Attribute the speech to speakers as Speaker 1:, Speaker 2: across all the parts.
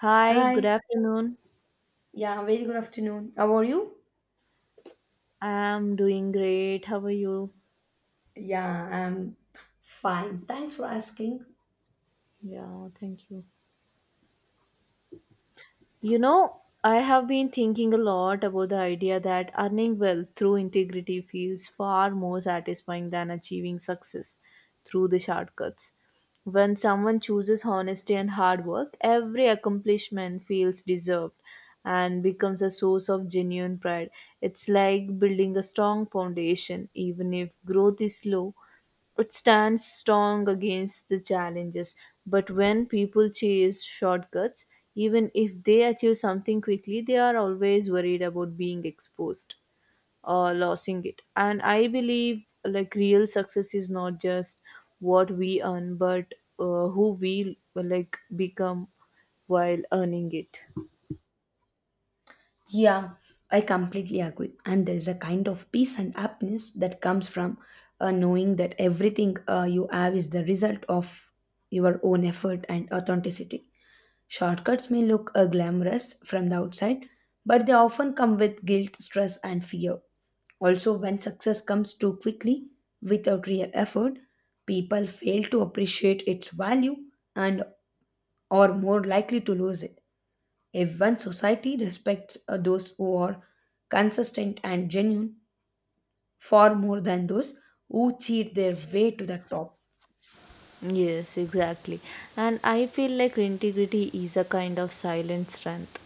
Speaker 1: Hi, good
Speaker 2: Hi.
Speaker 1: afternoon.
Speaker 2: Yeah, very good afternoon. How are you?
Speaker 1: I'm doing great. How are you?
Speaker 2: Yeah, I'm fine. Thanks for asking.
Speaker 1: Yeah, thank you. You know, I have been thinking a lot about the idea that earning wealth through integrity feels far more satisfying than achieving success through the shortcuts. When someone chooses honesty and hard work, every accomplishment feels deserved and becomes a source of genuine pride. It's like building a strong foundation. Even if growth is slow, it stands strong against the challenges. But when people chase shortcuts, even if they achieve something quickly, they are always worried about being exposed or losing it. And I believe like real success is not just what we earn, but who we like become while earning it.
Speaker 2: Yeah, I completely agree. And there is a kind of peace and happiness that comes from knowing that everything you have is the result of your own effort and authenticity. Shortcuts may look glamorous from the outside, but they often come with guilt, stress, and fear. Also, when success comes too quickly without real effort, people fail to appreciate its value and are more likely to lose it. If one society respects those who are consistent and genuine far more than those who cheat their way to the top.
Speaker 1: Yes, exactly. And I feel like integrity is a kind of silent strength.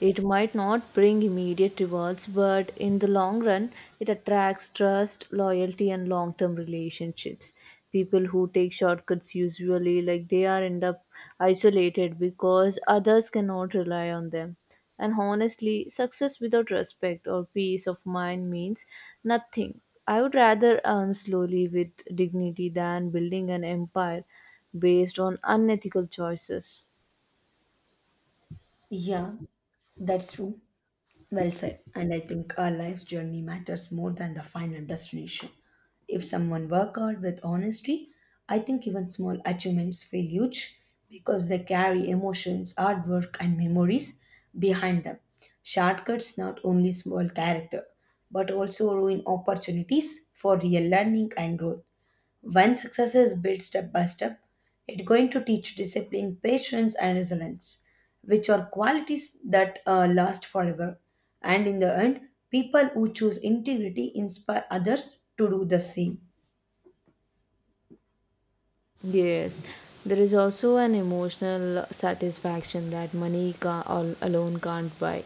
Speaker 1: It might not bring immediate rewards, but in the long run, it attracts trust, loyalty, and long term relationships. People who take shortcuts usually like they are end up isolated because others cannot rely on them. And honestly, success without respect or peace of mind means nothing. I would rather earn slowly with dignity than building an empire based on unethical choices.
Speaker 2: Yeah, that's true. Well said. And I think our life's journey matters more than the final destination. If someone work hard with honesty, I think even small achievements feel huge because they carry emotions, hard work, and memories behind them. Shortcuts not only spoil character, but also ruin opportunities for real learning and growth. When success is built step by step, it's going to teach discipline, patience, and resilience, which are qualities that last forever. And in the end, people who choose integrity inspire others to do the same.
Speaker 1: Yes, there is also an emotional satisfaction that money alone can't buy.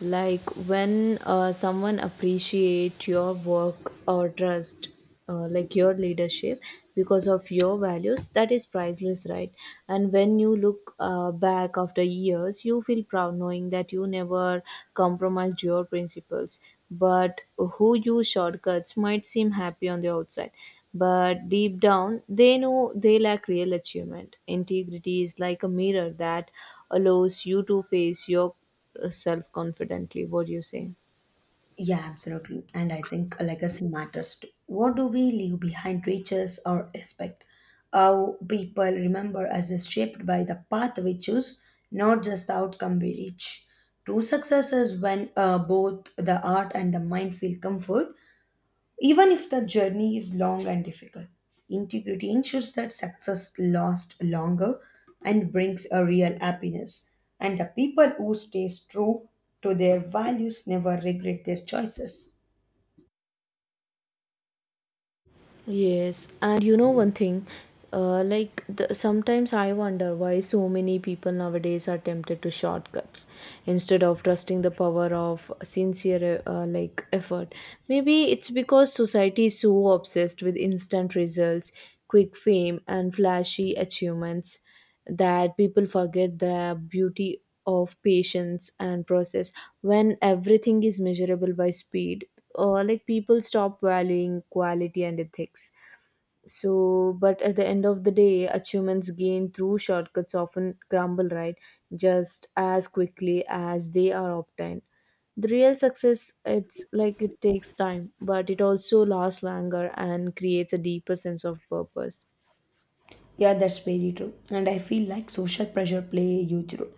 Speaker 1: Like when someone appreciate your work or trust, like your leadership, because of your values, that is priceless, right? And when you look back after years, you feel proud knowing that you never compromised your principles, but who use shortcuts might seem happy on the outside, but deep down they know they lack real achievement. Integrity is like a mirror that allows you to face yourself confidently. What do you say?
Speaker 2: Yeah, absolutely. And I think a legacy matters too. What do we leave behind reaches or respect? How people remember us is shaped by the path we choose, not just the outcome we reach. True success is when both the art and the mind feel comfort. Even if the journey is long and difficult, integrity ensures that success lasts longer and brings a real happiness. And the people who stay true to their values never regret their choices.
Speaker 1: Yes, and you know one thing, sometimes I wonder why so many people nowadays are tempted to shortcuts instead of trusting the power of sincere like effort. Maybe it's because society is so obsessed with instant results, quick fame, and flashy achievements, that people forget the beauty of patience and process. When everything is measurable by speed, or like people stop valuing quality and ethics, so but at the end of the day, achievements gained through shortcuts often crumble, right, just as quickly as they are obtained. The real success, it's like it takes time, but it also lasts longer and creates a deeper sense of purpose.
Speaker 2: Yeah, that's very true. And I feel like social pressure play a huge role.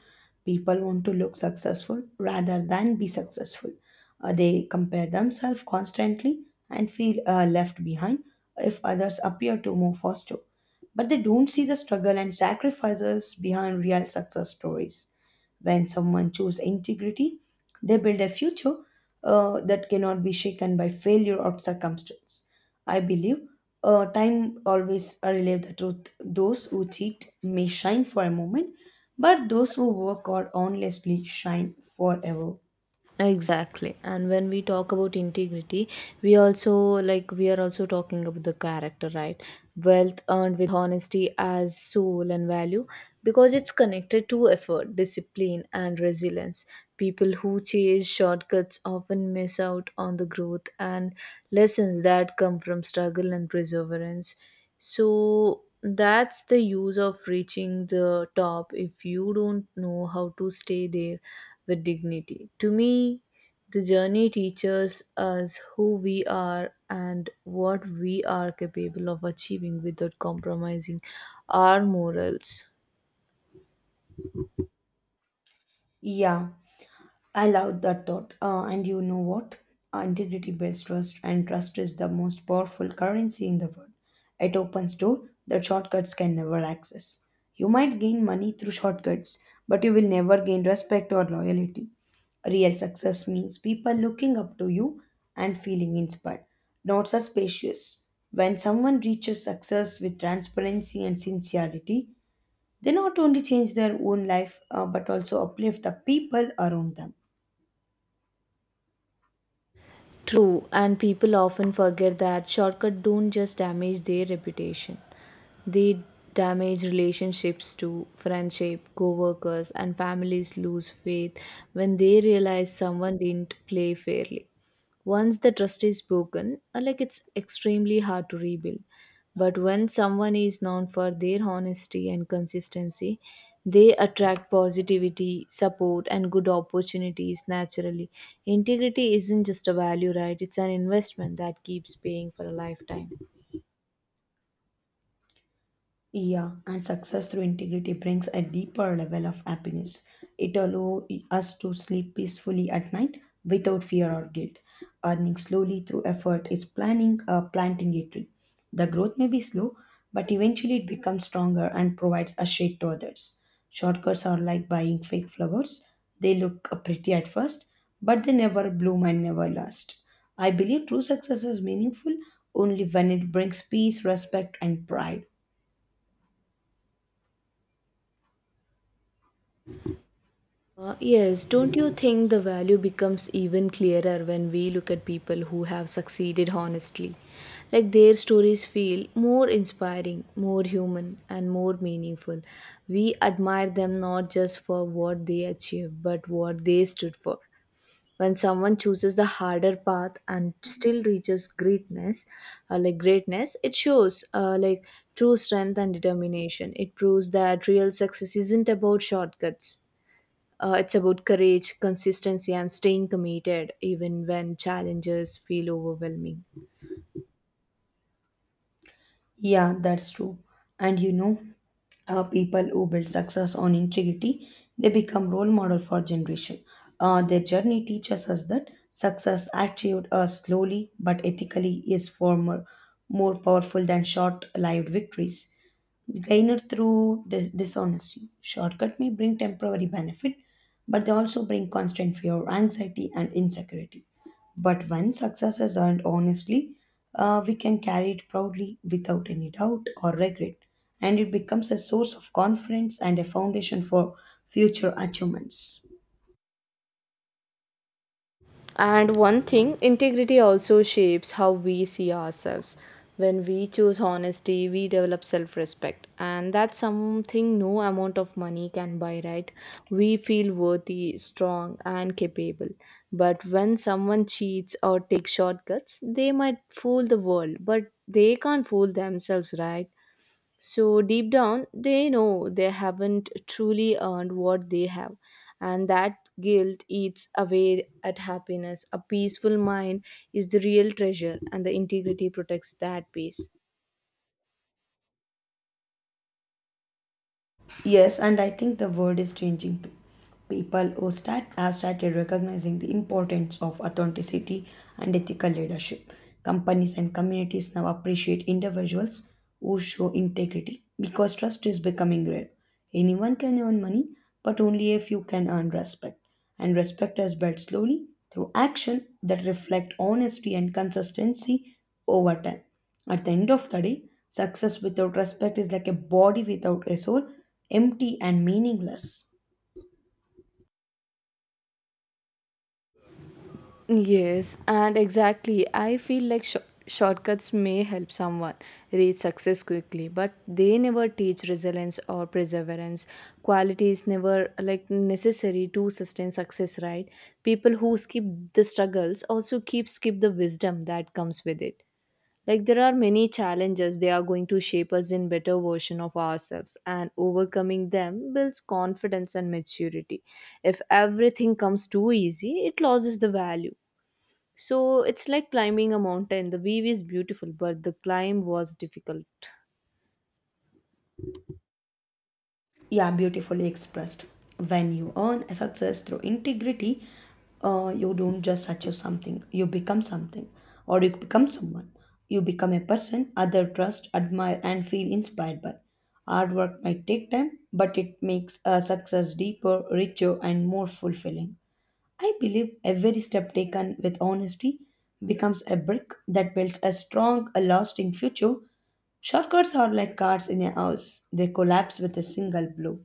Speaker 2: People want to look successful rather than be successful. They compare themselves constantly and feel left behind if others appear to move faster. But they don't see the struggle and sacrifices behind real success stories. When someone chooses integrity, they build a future that cannot be shaken by failure or circumstance. I believe time always relieves the truth. Those who cheat may shine for a moment, but those who work or honestly shine forever.
Speaker 1: Exactly. And when we talk about integrity, we also like we are also talking about the character, right? Wealth earned with honesty as soul and value, because it's connected to effort, discipline, and resilience. People who chase shortcuts often miss out on the growth and lessons that come from struggle and perseverance. So that's the use of reaching the top if you don't know how to stay there with dignity. To me, the journey teaches us who we are and what we are capable of achieving without compromising our morals.
Speaker 2: Yeah. I love that thought. And you know what? Integrity builds trust, and trust is the most powerful currency in the world. It opens doors that shortcuts can never access. You might gain money through shortcuts, but you will never gain respect or loyalty. Real success means people looking up to you and feeling inspired, not suspicious. When someone reaches success with transparency and sincerity, they not only change their own life but also uplift the people around them.
Speaker 1: True, and people often forget that shortcuts don't just damage their reputation, they damage relationships too. Friendship, co workers, and families lose faith when they realize someone didn't play fairly. Once the trust is broken, like it's extremely hard to rebuild. But when someone is known for their honesty and consistency, they attract positivity, support, and good opportunities naturally. Integrity isn't just a value, right? It's an investment that keeps paying for a lifetime.
Speaker 2: Yeah, and success through integrity brings a deeper level of happiness. It allows us to sleep peacefully at night without fear or guilt. Earning slowly through effort is planting a tree. The growth may be slow, but eventually it becomes stronger and provides a shade to others. Shortcuts are like buying fake flowers. They look pretty at first, but they never bloom and never last. I believe true success is meaningful only when it brings peace, respect, and pride.
Speaker 1: Yes, don't you think the value becomes even clearer when we look at people who have succeeded honestly? Like their stories feel more inspiring, more human, and more meaningful. We admire them not just for what they achieved, but what they stood for. When someone chooses the harder path and still reaches greatness, like greatness, it shows like true strength and determination. It proves that real success isn't about shortcuts, it's about courage, consistency, and staying committed even when challenges feel overwhelming.
Speaker 2: Yeah, that's true. And you know, people who build success on integrity, they become role model for generation. Their journey teaches us that success achieved slowly but ethically is more powerful than short-lived victories. Gained through dishonesty, shortcut may bring temporary benefit, but they also bring constant fear, anxiety, and insecurity. But when success is earned honestly, we can carry it proudly without any doubt or regret, and it becomes a source of confidence and a foundation for future achievements.
Speaker 1: And one thing, integrity also shapes how we see ourselves. When we choose honesty, we develop self respect, and that's something no amount of money can buy, right? We feel worthy, strong, and capable. But when someone cheats or takes shortcuts, they might fool the world, but they can't fool themselves, right? So deep down, they know they haven't truly earned what they have. And that guilt eats away at happiness. A peaceful mind is the real treasure, and the integrity protects that peace.
Speaker 2: Yes, and I think the world is changing too. People who start have started recognizing the importance of authenticity and ethical leadership. Companies and communities now appreciate individuals who show integrity because trust is becoming rare. Anyone can earn money, but only a few can earn respect. And respect is built slowly through action that reflect honesty and consistency over time. At the end of the day, success without respect is like a body without a soul, empty and meaningless.
Speaker 1: Yes, and exactly. I feel like shortcuts may help someone reach success quickly, but they never teach resilience or perseverance. Quality is never like necessary to sustain success, right? People who skip the struggles also keep skip the wisdom that comes with it. Like there are many challenges they are going to shape us in better version of ourselves, and overcoming them builds confidence and maturity. If everything comes too easy, it loses the value, so it's like climbing a mountain. The view is beautiful, but the climb was difficult.
Speaker 2: Yeah, beautifully expressed. When you earn a success through integrity, you don't just achieve something, you become something, or you become someone. You become a person other trust, admire, and feel inspired by. Hard work might take time, but it makes a success deeper, richer, and more fulfilling. I believe every step taken with honesty becomes a brick that builds a strong, a lasting future. Shortcuts are like cards in a house, they collapse with a single blow.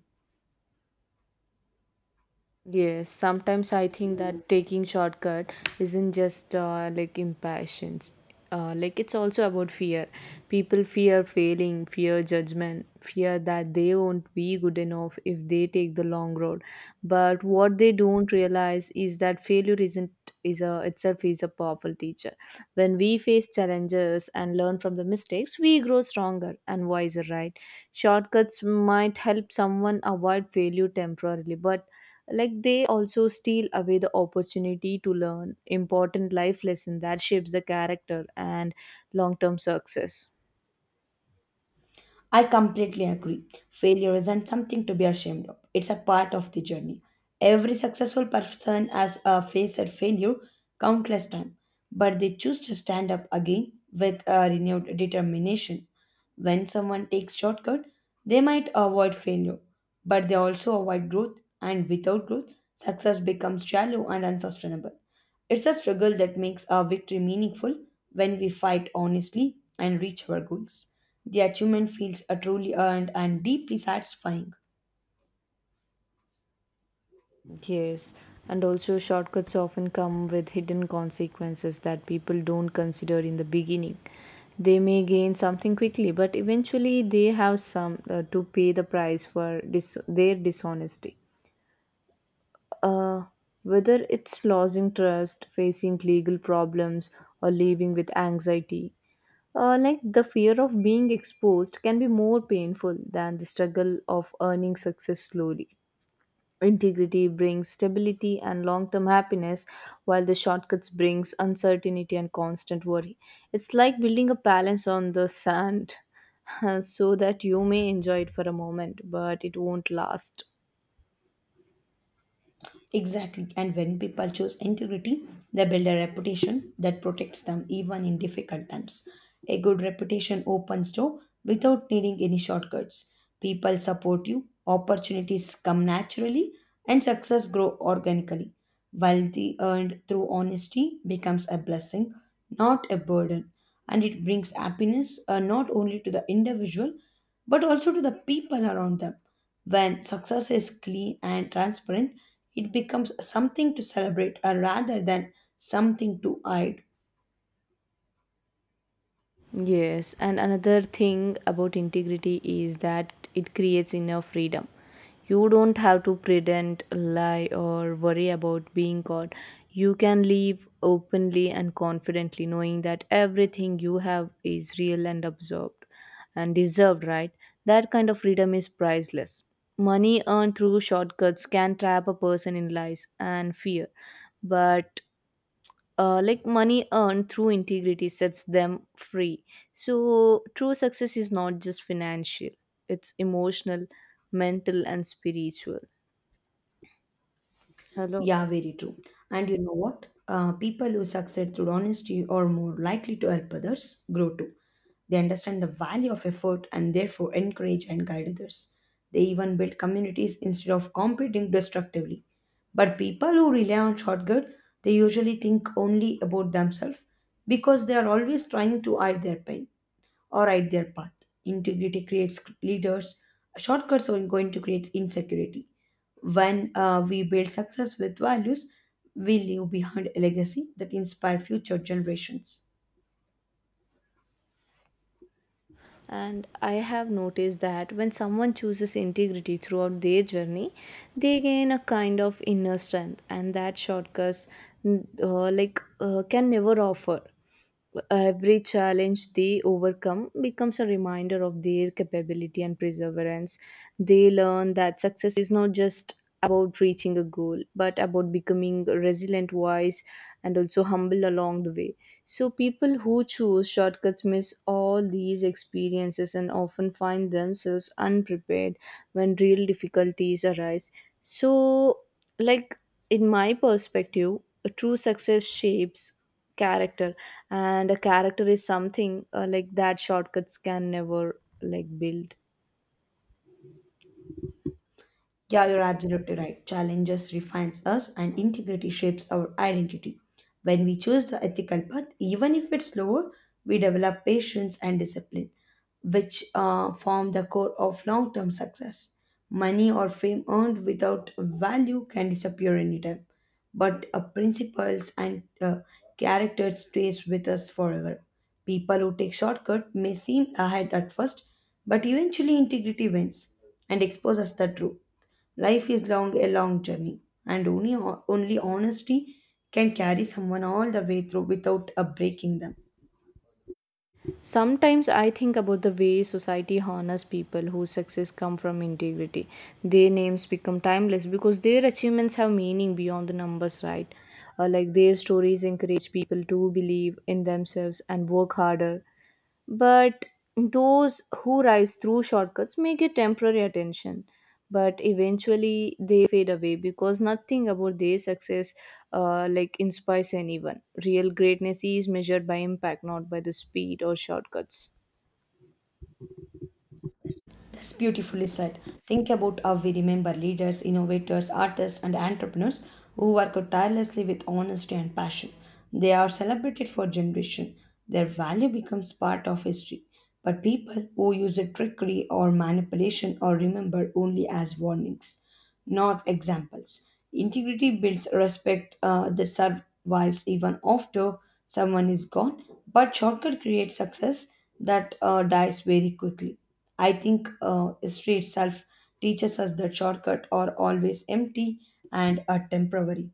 Speaker 1: Yes, sometimes I think that taking shortcut isn't just like impatience. Like it's also about fear. People fear failing, fear judgment, fear that they won't be good enough if they take the long road. But what they don't realize is that failure isn't is a itself is a powerful teacher. When we face challenges and learn from the mistakes, we grow stronger and wiser, right? Shortcuts might help someone avoid failure temporarily, but like they also steal away the opportunity to learn important life lesson that shapes the character and long-term success.
Speaker 2: I completely agree. Failure isn't something to be ashamed of, it's a part of the journey. Every successful person has faced failure countless times, but they choose to stand up again with a renewed determination. When someone takes shortcut, they might avoid failure, but they also avoid growth, and without growth, success becomes shallow and unsustainable. It's a struggle that makes our victory meaningful when we fight honestly and reach our goals. The achievement feels truly earned and deeply satisfying.
Speaker 1: Yes, and also shortcuts often come with hidden consequences that people don't consider in the beginning. They may gain something quickly, but eventually they have some to pay the price for their dishonesty, uh, whether it's losing trust, facing legal problems, or living with anxiety. Like the fear of being exposed can be more painful than the struggle of earning success slowly. Integrity brings stability and long-term happiness, while the shortcuts brings uncertainty and constant worry. It's like building a palace on the sand, so that you may enjoy it for a moment, but it won't last.
Speaker 2: Exactly. And when people choose integrity, they build a reputation that protects them even in difficult times. A good reputation opens door without needing any shortcuts. People support you, opportunities come naturally, and success grow organically. Wealthy earned through honesty becomes a blessing, not a burden. And it brings happiness not only to the individual, but also to the people around them. When success is clean and transparent, it becomes something to celebrate rather than something to hide.
Speaker 1: Yes, and another thing about integrity is that it creates inner freedom. You don't have to pretend, lie, or worry about being caught. You can live openly and confidently, knowing that everything you have is real and absorbed and deserved, right? That kind of freedom is priceless. Money earned through shortcuts can trap a person in lies and fear, but like money earned through integrity sets them free. So, true success is not just financial, it's emotional, mental, and spiritual. Hello.
Speaker 2: Yeah, very true. And you know what? People who succeed through honesty are more likely to help others grow too. They understand the value of effort and therefore encourage and guide others. They even build communities instead of competing destructively. But people who rely on shortcut, they usually think only about themselves because they are always trying to hide their pain. Or right their path. Integrity creates leaders. Shortcuts are going to create insecurity. When we build success with values, we leave behind a legacy that inspire future generations.
Speaker 1: And I have noticed that when someone chooses integrity throughout their journey, they gain a kind of inner strength, and that shortcuts, can never offer. Every challenge they overcome becomes a reminder of their capability and perseverance. They learn that success is not just about reaching a goal, but about becoming resilient, wise, and also humble along the way. So, people who choose shortcuts miss all these experiences and often find themselves unprepared when real difficulties arise. So, like in my perspective, a true success shapes character, and a character is something like that shortcuts can never like build.
Speaker 2: Yeah, you're absolutely right. Challenges refines us and integrity shapes our identity. When we choose the ethical path, even if it's slower, we develop patience and discipline, which form the core of long term success. Money or fame earned without value can disappear anytime, but uh, principles and character stays with us forever. People who take shortcut may seem ahead at first, but eventually integrity wins and exposes the truth. Life is long, a long journey, and only honesty can carry someone all the way through without breaking them.
Speaker 1: Sometimes I think about the way society honors people whose success come from integrity. Their names become timeless because their achievements have meaning beyond the numbers, right? Like their stories encourage people to believe in themselves and work harder. But those who rise through shortcuts may get temporary attention, but eventually they fade away because nothing about their success like inspires anyone. Real greatness is measured by impact, not by the speed or shortcuts.
Speaker 2: That's beautifully said. Think about how we remember leaders, innovators, artists, and entrepreneurs who work tirelessly with honesty and passion. They are celebrated for generations. Their value becomes part of history. But people who use it trickery or manipulation are remembered only as warnings, not examples. Integrity builds respect that survives even after someone is gone, but shortcut creates success that dies very quickly. I think history itself teaches us that shortcuts are always empty and are temporary.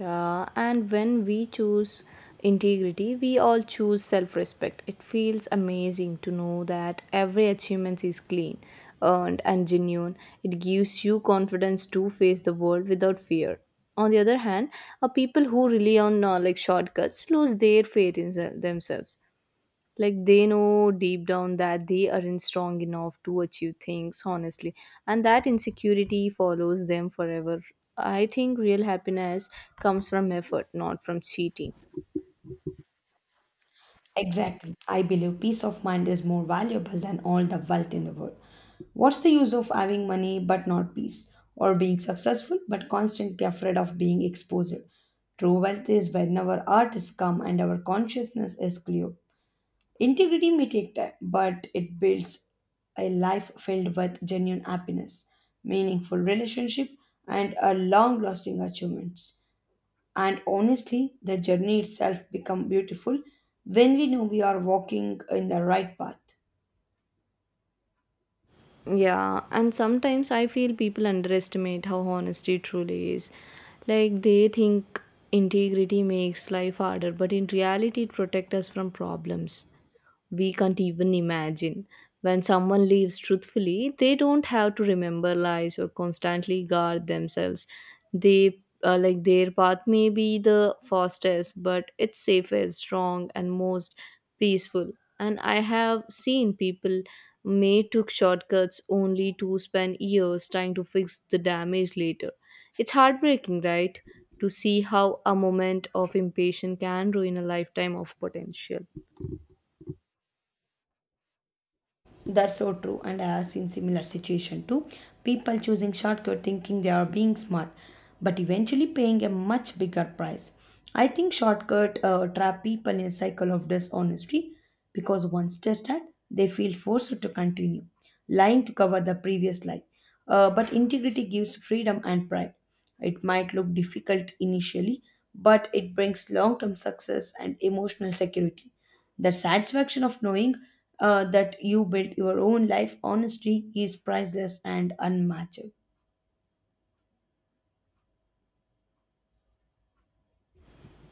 Speaker 1: Yeah, and when we choose integrity, we all choose self respect. It feels amazing to know that every achievement is clean, earned, and genuine. It gives you confidence to face the world without fear. On the other hand, are people who rely on like shortcuts lose their faith in themselves. Like they know deep down that they aren't strong enough to achieve things honestly, and that insecurity follows them forever. I think real happiness comes from effort, not from cheating.
Speaker 2: Exactly. I believe peace of mind is more valuable than all the wealth in the world. What's the use of having money but not peace, or being successful but constantly afraid of being exposed? True wealth is whenever art is calm and our consciousness is clear. Integrity may take time, but it builds a life filled with genuine happiness, meaningful relationship, and a long-lasting achievements. And honestly, the journey itself becomes beautiful when we know we are walking in the right path.
Speaker 1: Yeah, and sometimes I feel people underestimate how honesty truly is. Like they think integrity makes life harder, but in reality, it protects us from problems we can't even imagine. When someone lives truthfully, they don't have to remember lies or constantly guard themselves. They like their path may be the fastest, but it's safest, strong, and most peaceful. And I have seen people may took shortcuts only to spend years trying to fix the damage later. It's heartbreaking, right? To see how a moment of impatience can ruin a lifetime of potential.
Speaker 2: That's so true, and I have seen similar situation too. People choosing shortcut thinking they are being smart, but eventually paying a much bigger price. I think shortcut trap people in a cycle of dishonesty because once tested, they feel forced to continue, lying to cover the previous lie. But integrity gives freedom and pride. It might look difficult initially, but it brings long-term success and emotional security. The satisfaction of knowing that you built your own life honestly is priceless and unmatched.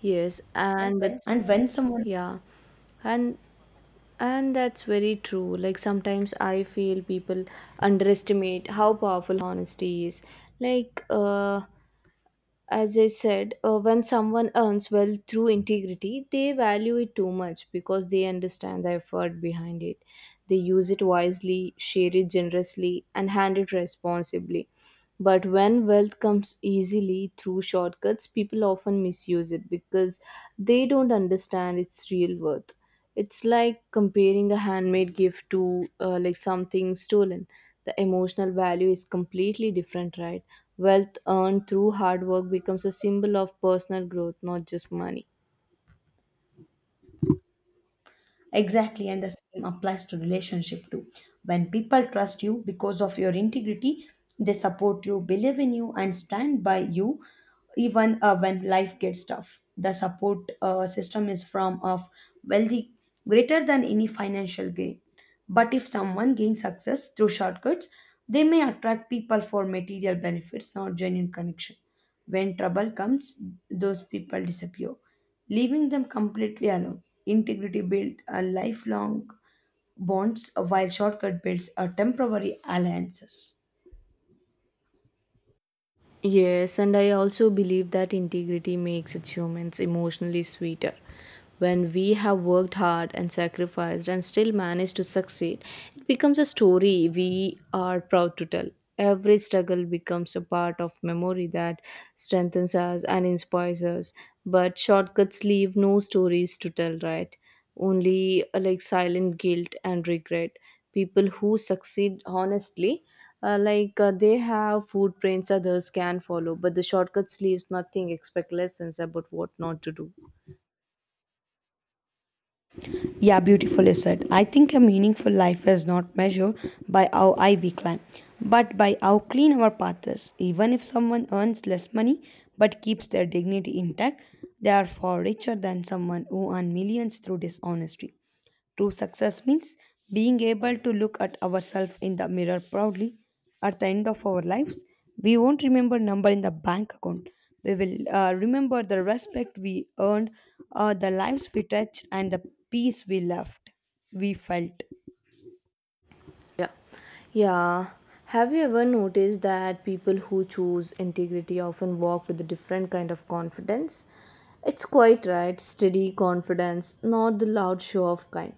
Speaker 1: Yes, and that,
Speaker 2: And
Speaker 1: when
Speaker 2: when someone
Speaker 1: yeah, and and that's very true. Like sometimes I feel people underestimate how powerful honesty is. Like when someone earns well through integrity, they value it too much because they understand the effort behind it. They use it wisely, share it generously, and hand it responsibly. But when wealth comes easily through shortcuts, people often misuse it because they don't understand its real worth. It's like comparing a handmade gift to something stolen. The emotional value is completely different, right? Wealth earned through hard work becomes a symbol of personal growth, not just money.
Speaker 2: Exactly, and the same applies to relationship too. When people trust you because of your integrity, they support you, believe in you, and stand by you even when life gets tough. The support system is from of wealthy greater than any financial gain. But if someone gains success through shortcuts, they may attract people for material benefits, not genuine connection. When trouble comes, those people disappear, leaving them completely alone. Integrity builds a lifelong bonds, while shortcut builds a temporary alliances.
Speaker 1: Yes, and I also believe that integrity makes achievements emotionally sweeter. When we have worked hard and sacrificed and still manage to succeed, it becomes a story we are proud to tell. Every struggle becomes a part of memory that strengthens us and inspires us. But shortcuts leave no stories to tell, right? Only silent guilt and regret. People who succeed honestly they have food prints others can follow, but the shortcuts leaves nothing except lessons about what not to do.
Speaker 2: Yeah, beautifully said. I think a meaningful life is not measured by how high we climb, but by how clean our path is. Even if someone earns less money but keeps their dignity intact, they are far richer than someone who earned millions through dishonesty. True success means being able to look at ourselves in the mirror proudly. At the end of our lives, we won't remember number in the bank account. We will remember the respect we earned, the lives we touched, and the peace we left. We felt.
Speaker 1: Yeah. Yeah. Have you ever noticed that people who choose integrity often walk with a different kind of confidence? It's quite right, steady confidence, not the loud show of kind.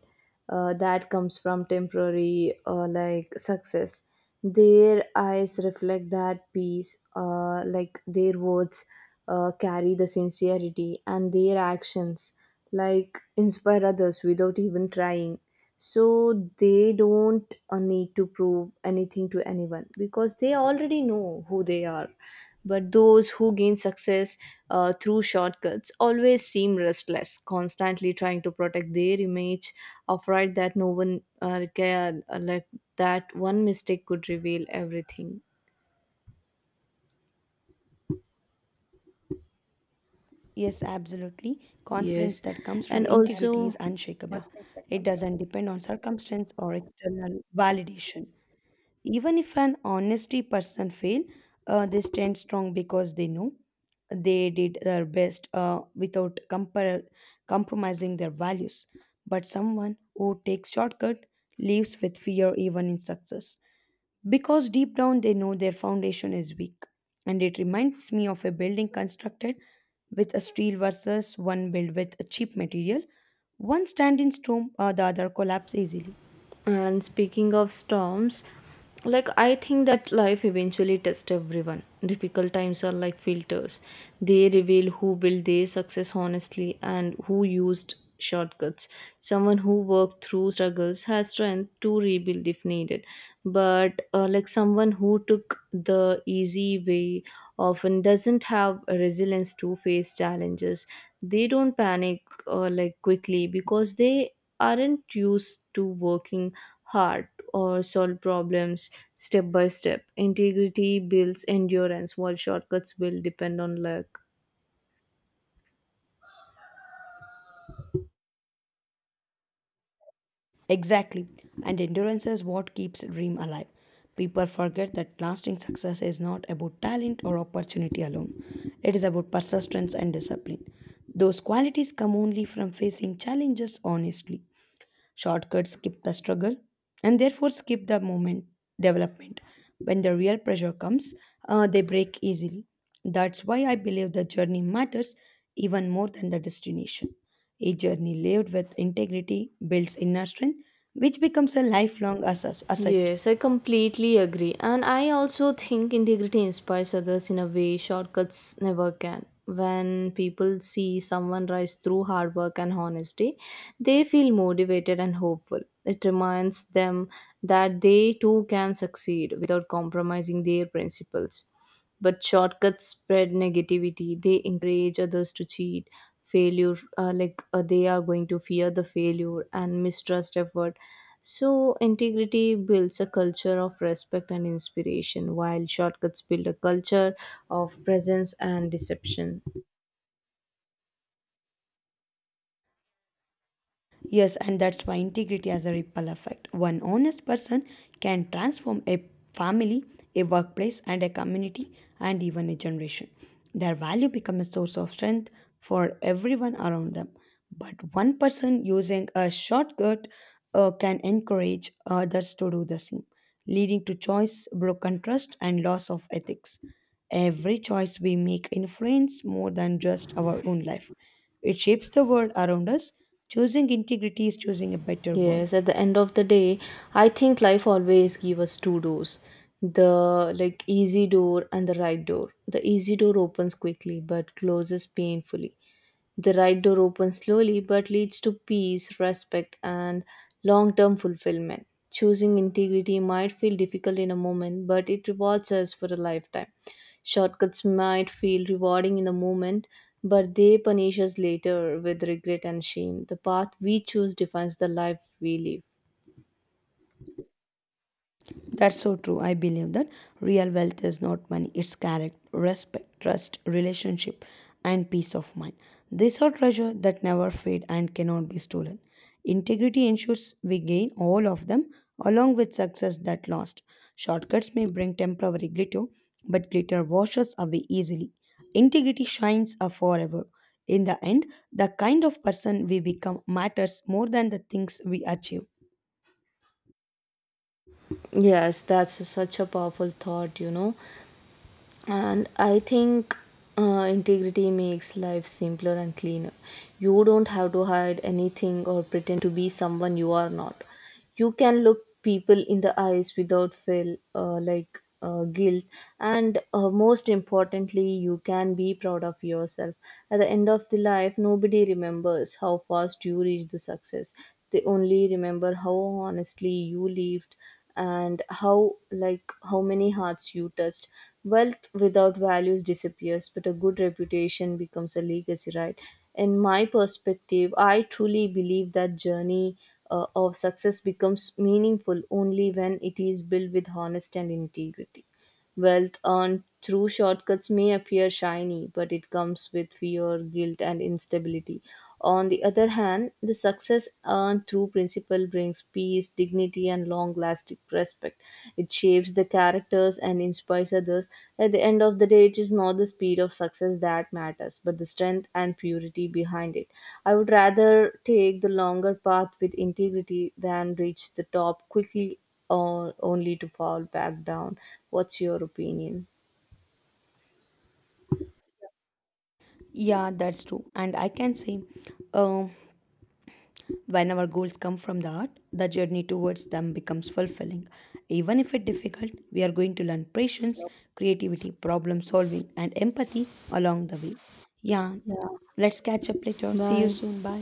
Speaker 1: That comes from temporary success. Their eyes reflect that peace, their words carry the sincerity, and their actions like inspire others without even trying, so they don't need to prove anything to anyone because they already know who they are. But those who gain success through shortcuts always seem restless, constantly trying to protect their image, afraid that no one care, that one mistake could reveal everything.
Speaker 2: Yes, absolutely. Confidence
Speaker 1: Yes,
Speaker 2: that comes
Speaker 1: and
Speaker 2: from
Speaker 1: yes,
Speaker 2: integrity
Speaker 1: also,
Speaker 2: is unshakable.
Speaker 1: yeah.
Speaker 2: It doesn't depend on circumstance or external validation. Even if an honesty person fail, they stand strong because they know they did their best without compromising their values. But someone who takes shortcut lives with fear even in success because deep down they know their foundation is weak. And it reminds me of a building constructed with a steel versus one built with a cheap material. One stand in storm, the other collapse easily.
Speaker 1: And speaking of storms, like I think that life eventually tests everyone. Difficult times are like filters. They reveal who built their success honestly and who used shortcuts. Someone who worked through struggles has strength to rebuild if needed. But someone who took the easy way often doesn't have resilience to face challenges. They don't panic quickly because they aren't used to working hard or solve problems step by step. Integrity builds endurance, while shortcuts will depend on luck.
Speaker 2: Exactly. And endurance is what keeps dream alive. People forget that lasting success is not about talent or opportunity alone. It is about persistence and discipline. Those qualities come only from facing challenges honestly. Shortcuts skip the struggle and therefore skip the moment development. When the real pressure comes, they break easily. That's why I believe the journey matters even more than the destination. A journey lived with integrity builds inner strength, which becomes a lifelong asset.
Speaker 1: Yes, I completely agree. And I also think integrity inspires others in a way shortcuts never can. When people see someone rise through hard work and honesty, they feel motivated and hopeful. It reminds them that they too can succeed without compromising their principles. But shortcuts spread negativity. They encourage others to cheat, failure, they are going to fear the failure and mistrust effort. So, integrity builds a culture of respect and inspiration, while shortcuts build a culture of presence and deception.
Speaker 2: Yes, and that's why integrity has a ripple effect. One honest person can transform a family, a workplace, and a community, and even a generation. Their value becomes a source of strength for everyone around them. But one person using a shortcut can encourage others to do the same, leading to choice, broken trust, and loss of ethics. Every choice we make influences more than just our own life. It shapes the world around us. Choosing integrity is choosing a better
Speaker 1: Yes,
Speaker 2: world.
Speaker 1: at the end of the day, I think life always give us two doors. The like easy door and the right door. The easy door opens quickly but closes painfully. The right door opens slowly but leads to peace, respect and long-term fulfillment. Choosing integrity might feel difficult in a moment, but it rewards us for a lifetime. Shortcuts might feel rewarding in the moment, but they punish us later with regret and shame. The path we choose defines the life we live.
Speaker 2: That's so true. I believe that real wealth is not money, it's character, respect, trust, relationship, and peace of mind. These are treasure that never fade and cannot be stolen. Integrity ensures we gain all of them along with success that lasts. Shortcuts may bring temporary glitter, but glitter washes away easily. Integrity shines forever. In the end, the kind of person we become matters more than the things we achieve.
Speaker 1: Yes, that's such a powerful thought, you know. And I think integrity makes life simpler and cleaner. You don't have to hide anything or pretend to be someone you are not. You can look people in the eyes without feel guilt, and most importantly, you can be proud of yourself. At the end of the life, nobody remembers how fast you reached the success. They only remember how honestly you lived, and how many hearts you touched. Wealth without values disappears, but a good reputation becomes a legacy, right? In my perspective, I truly believe that journey of success becomes meaningful only when it is built with honesty and integrity. Wealth earned through shortcuts may appear shiny, but it comes with fear, guilt and instability. On the other hand, the success earned through principle brings peace, dignity, and long lasting respect. It shapes the characters and inspires others. At the end of the day, it is not the speed of success that matters, but the strength and purity behind it. I would rather take the longer path with integrity than reach the top quickly or only to fall back down. What's your opinion?
Speaker 2: Yeah, that's true. And I can say, um, when our goals come from the heart, the journey towards them becomes fulfilling. Even if it's difficult, we are going to learn patience, creativity, problem solving, and empathy along the way. Yeah,
Speaker 1: Yeah.
Speaker 2: let's catch up later. See you
Speaker 1: Bye.
Speaker 2: soon. Bye.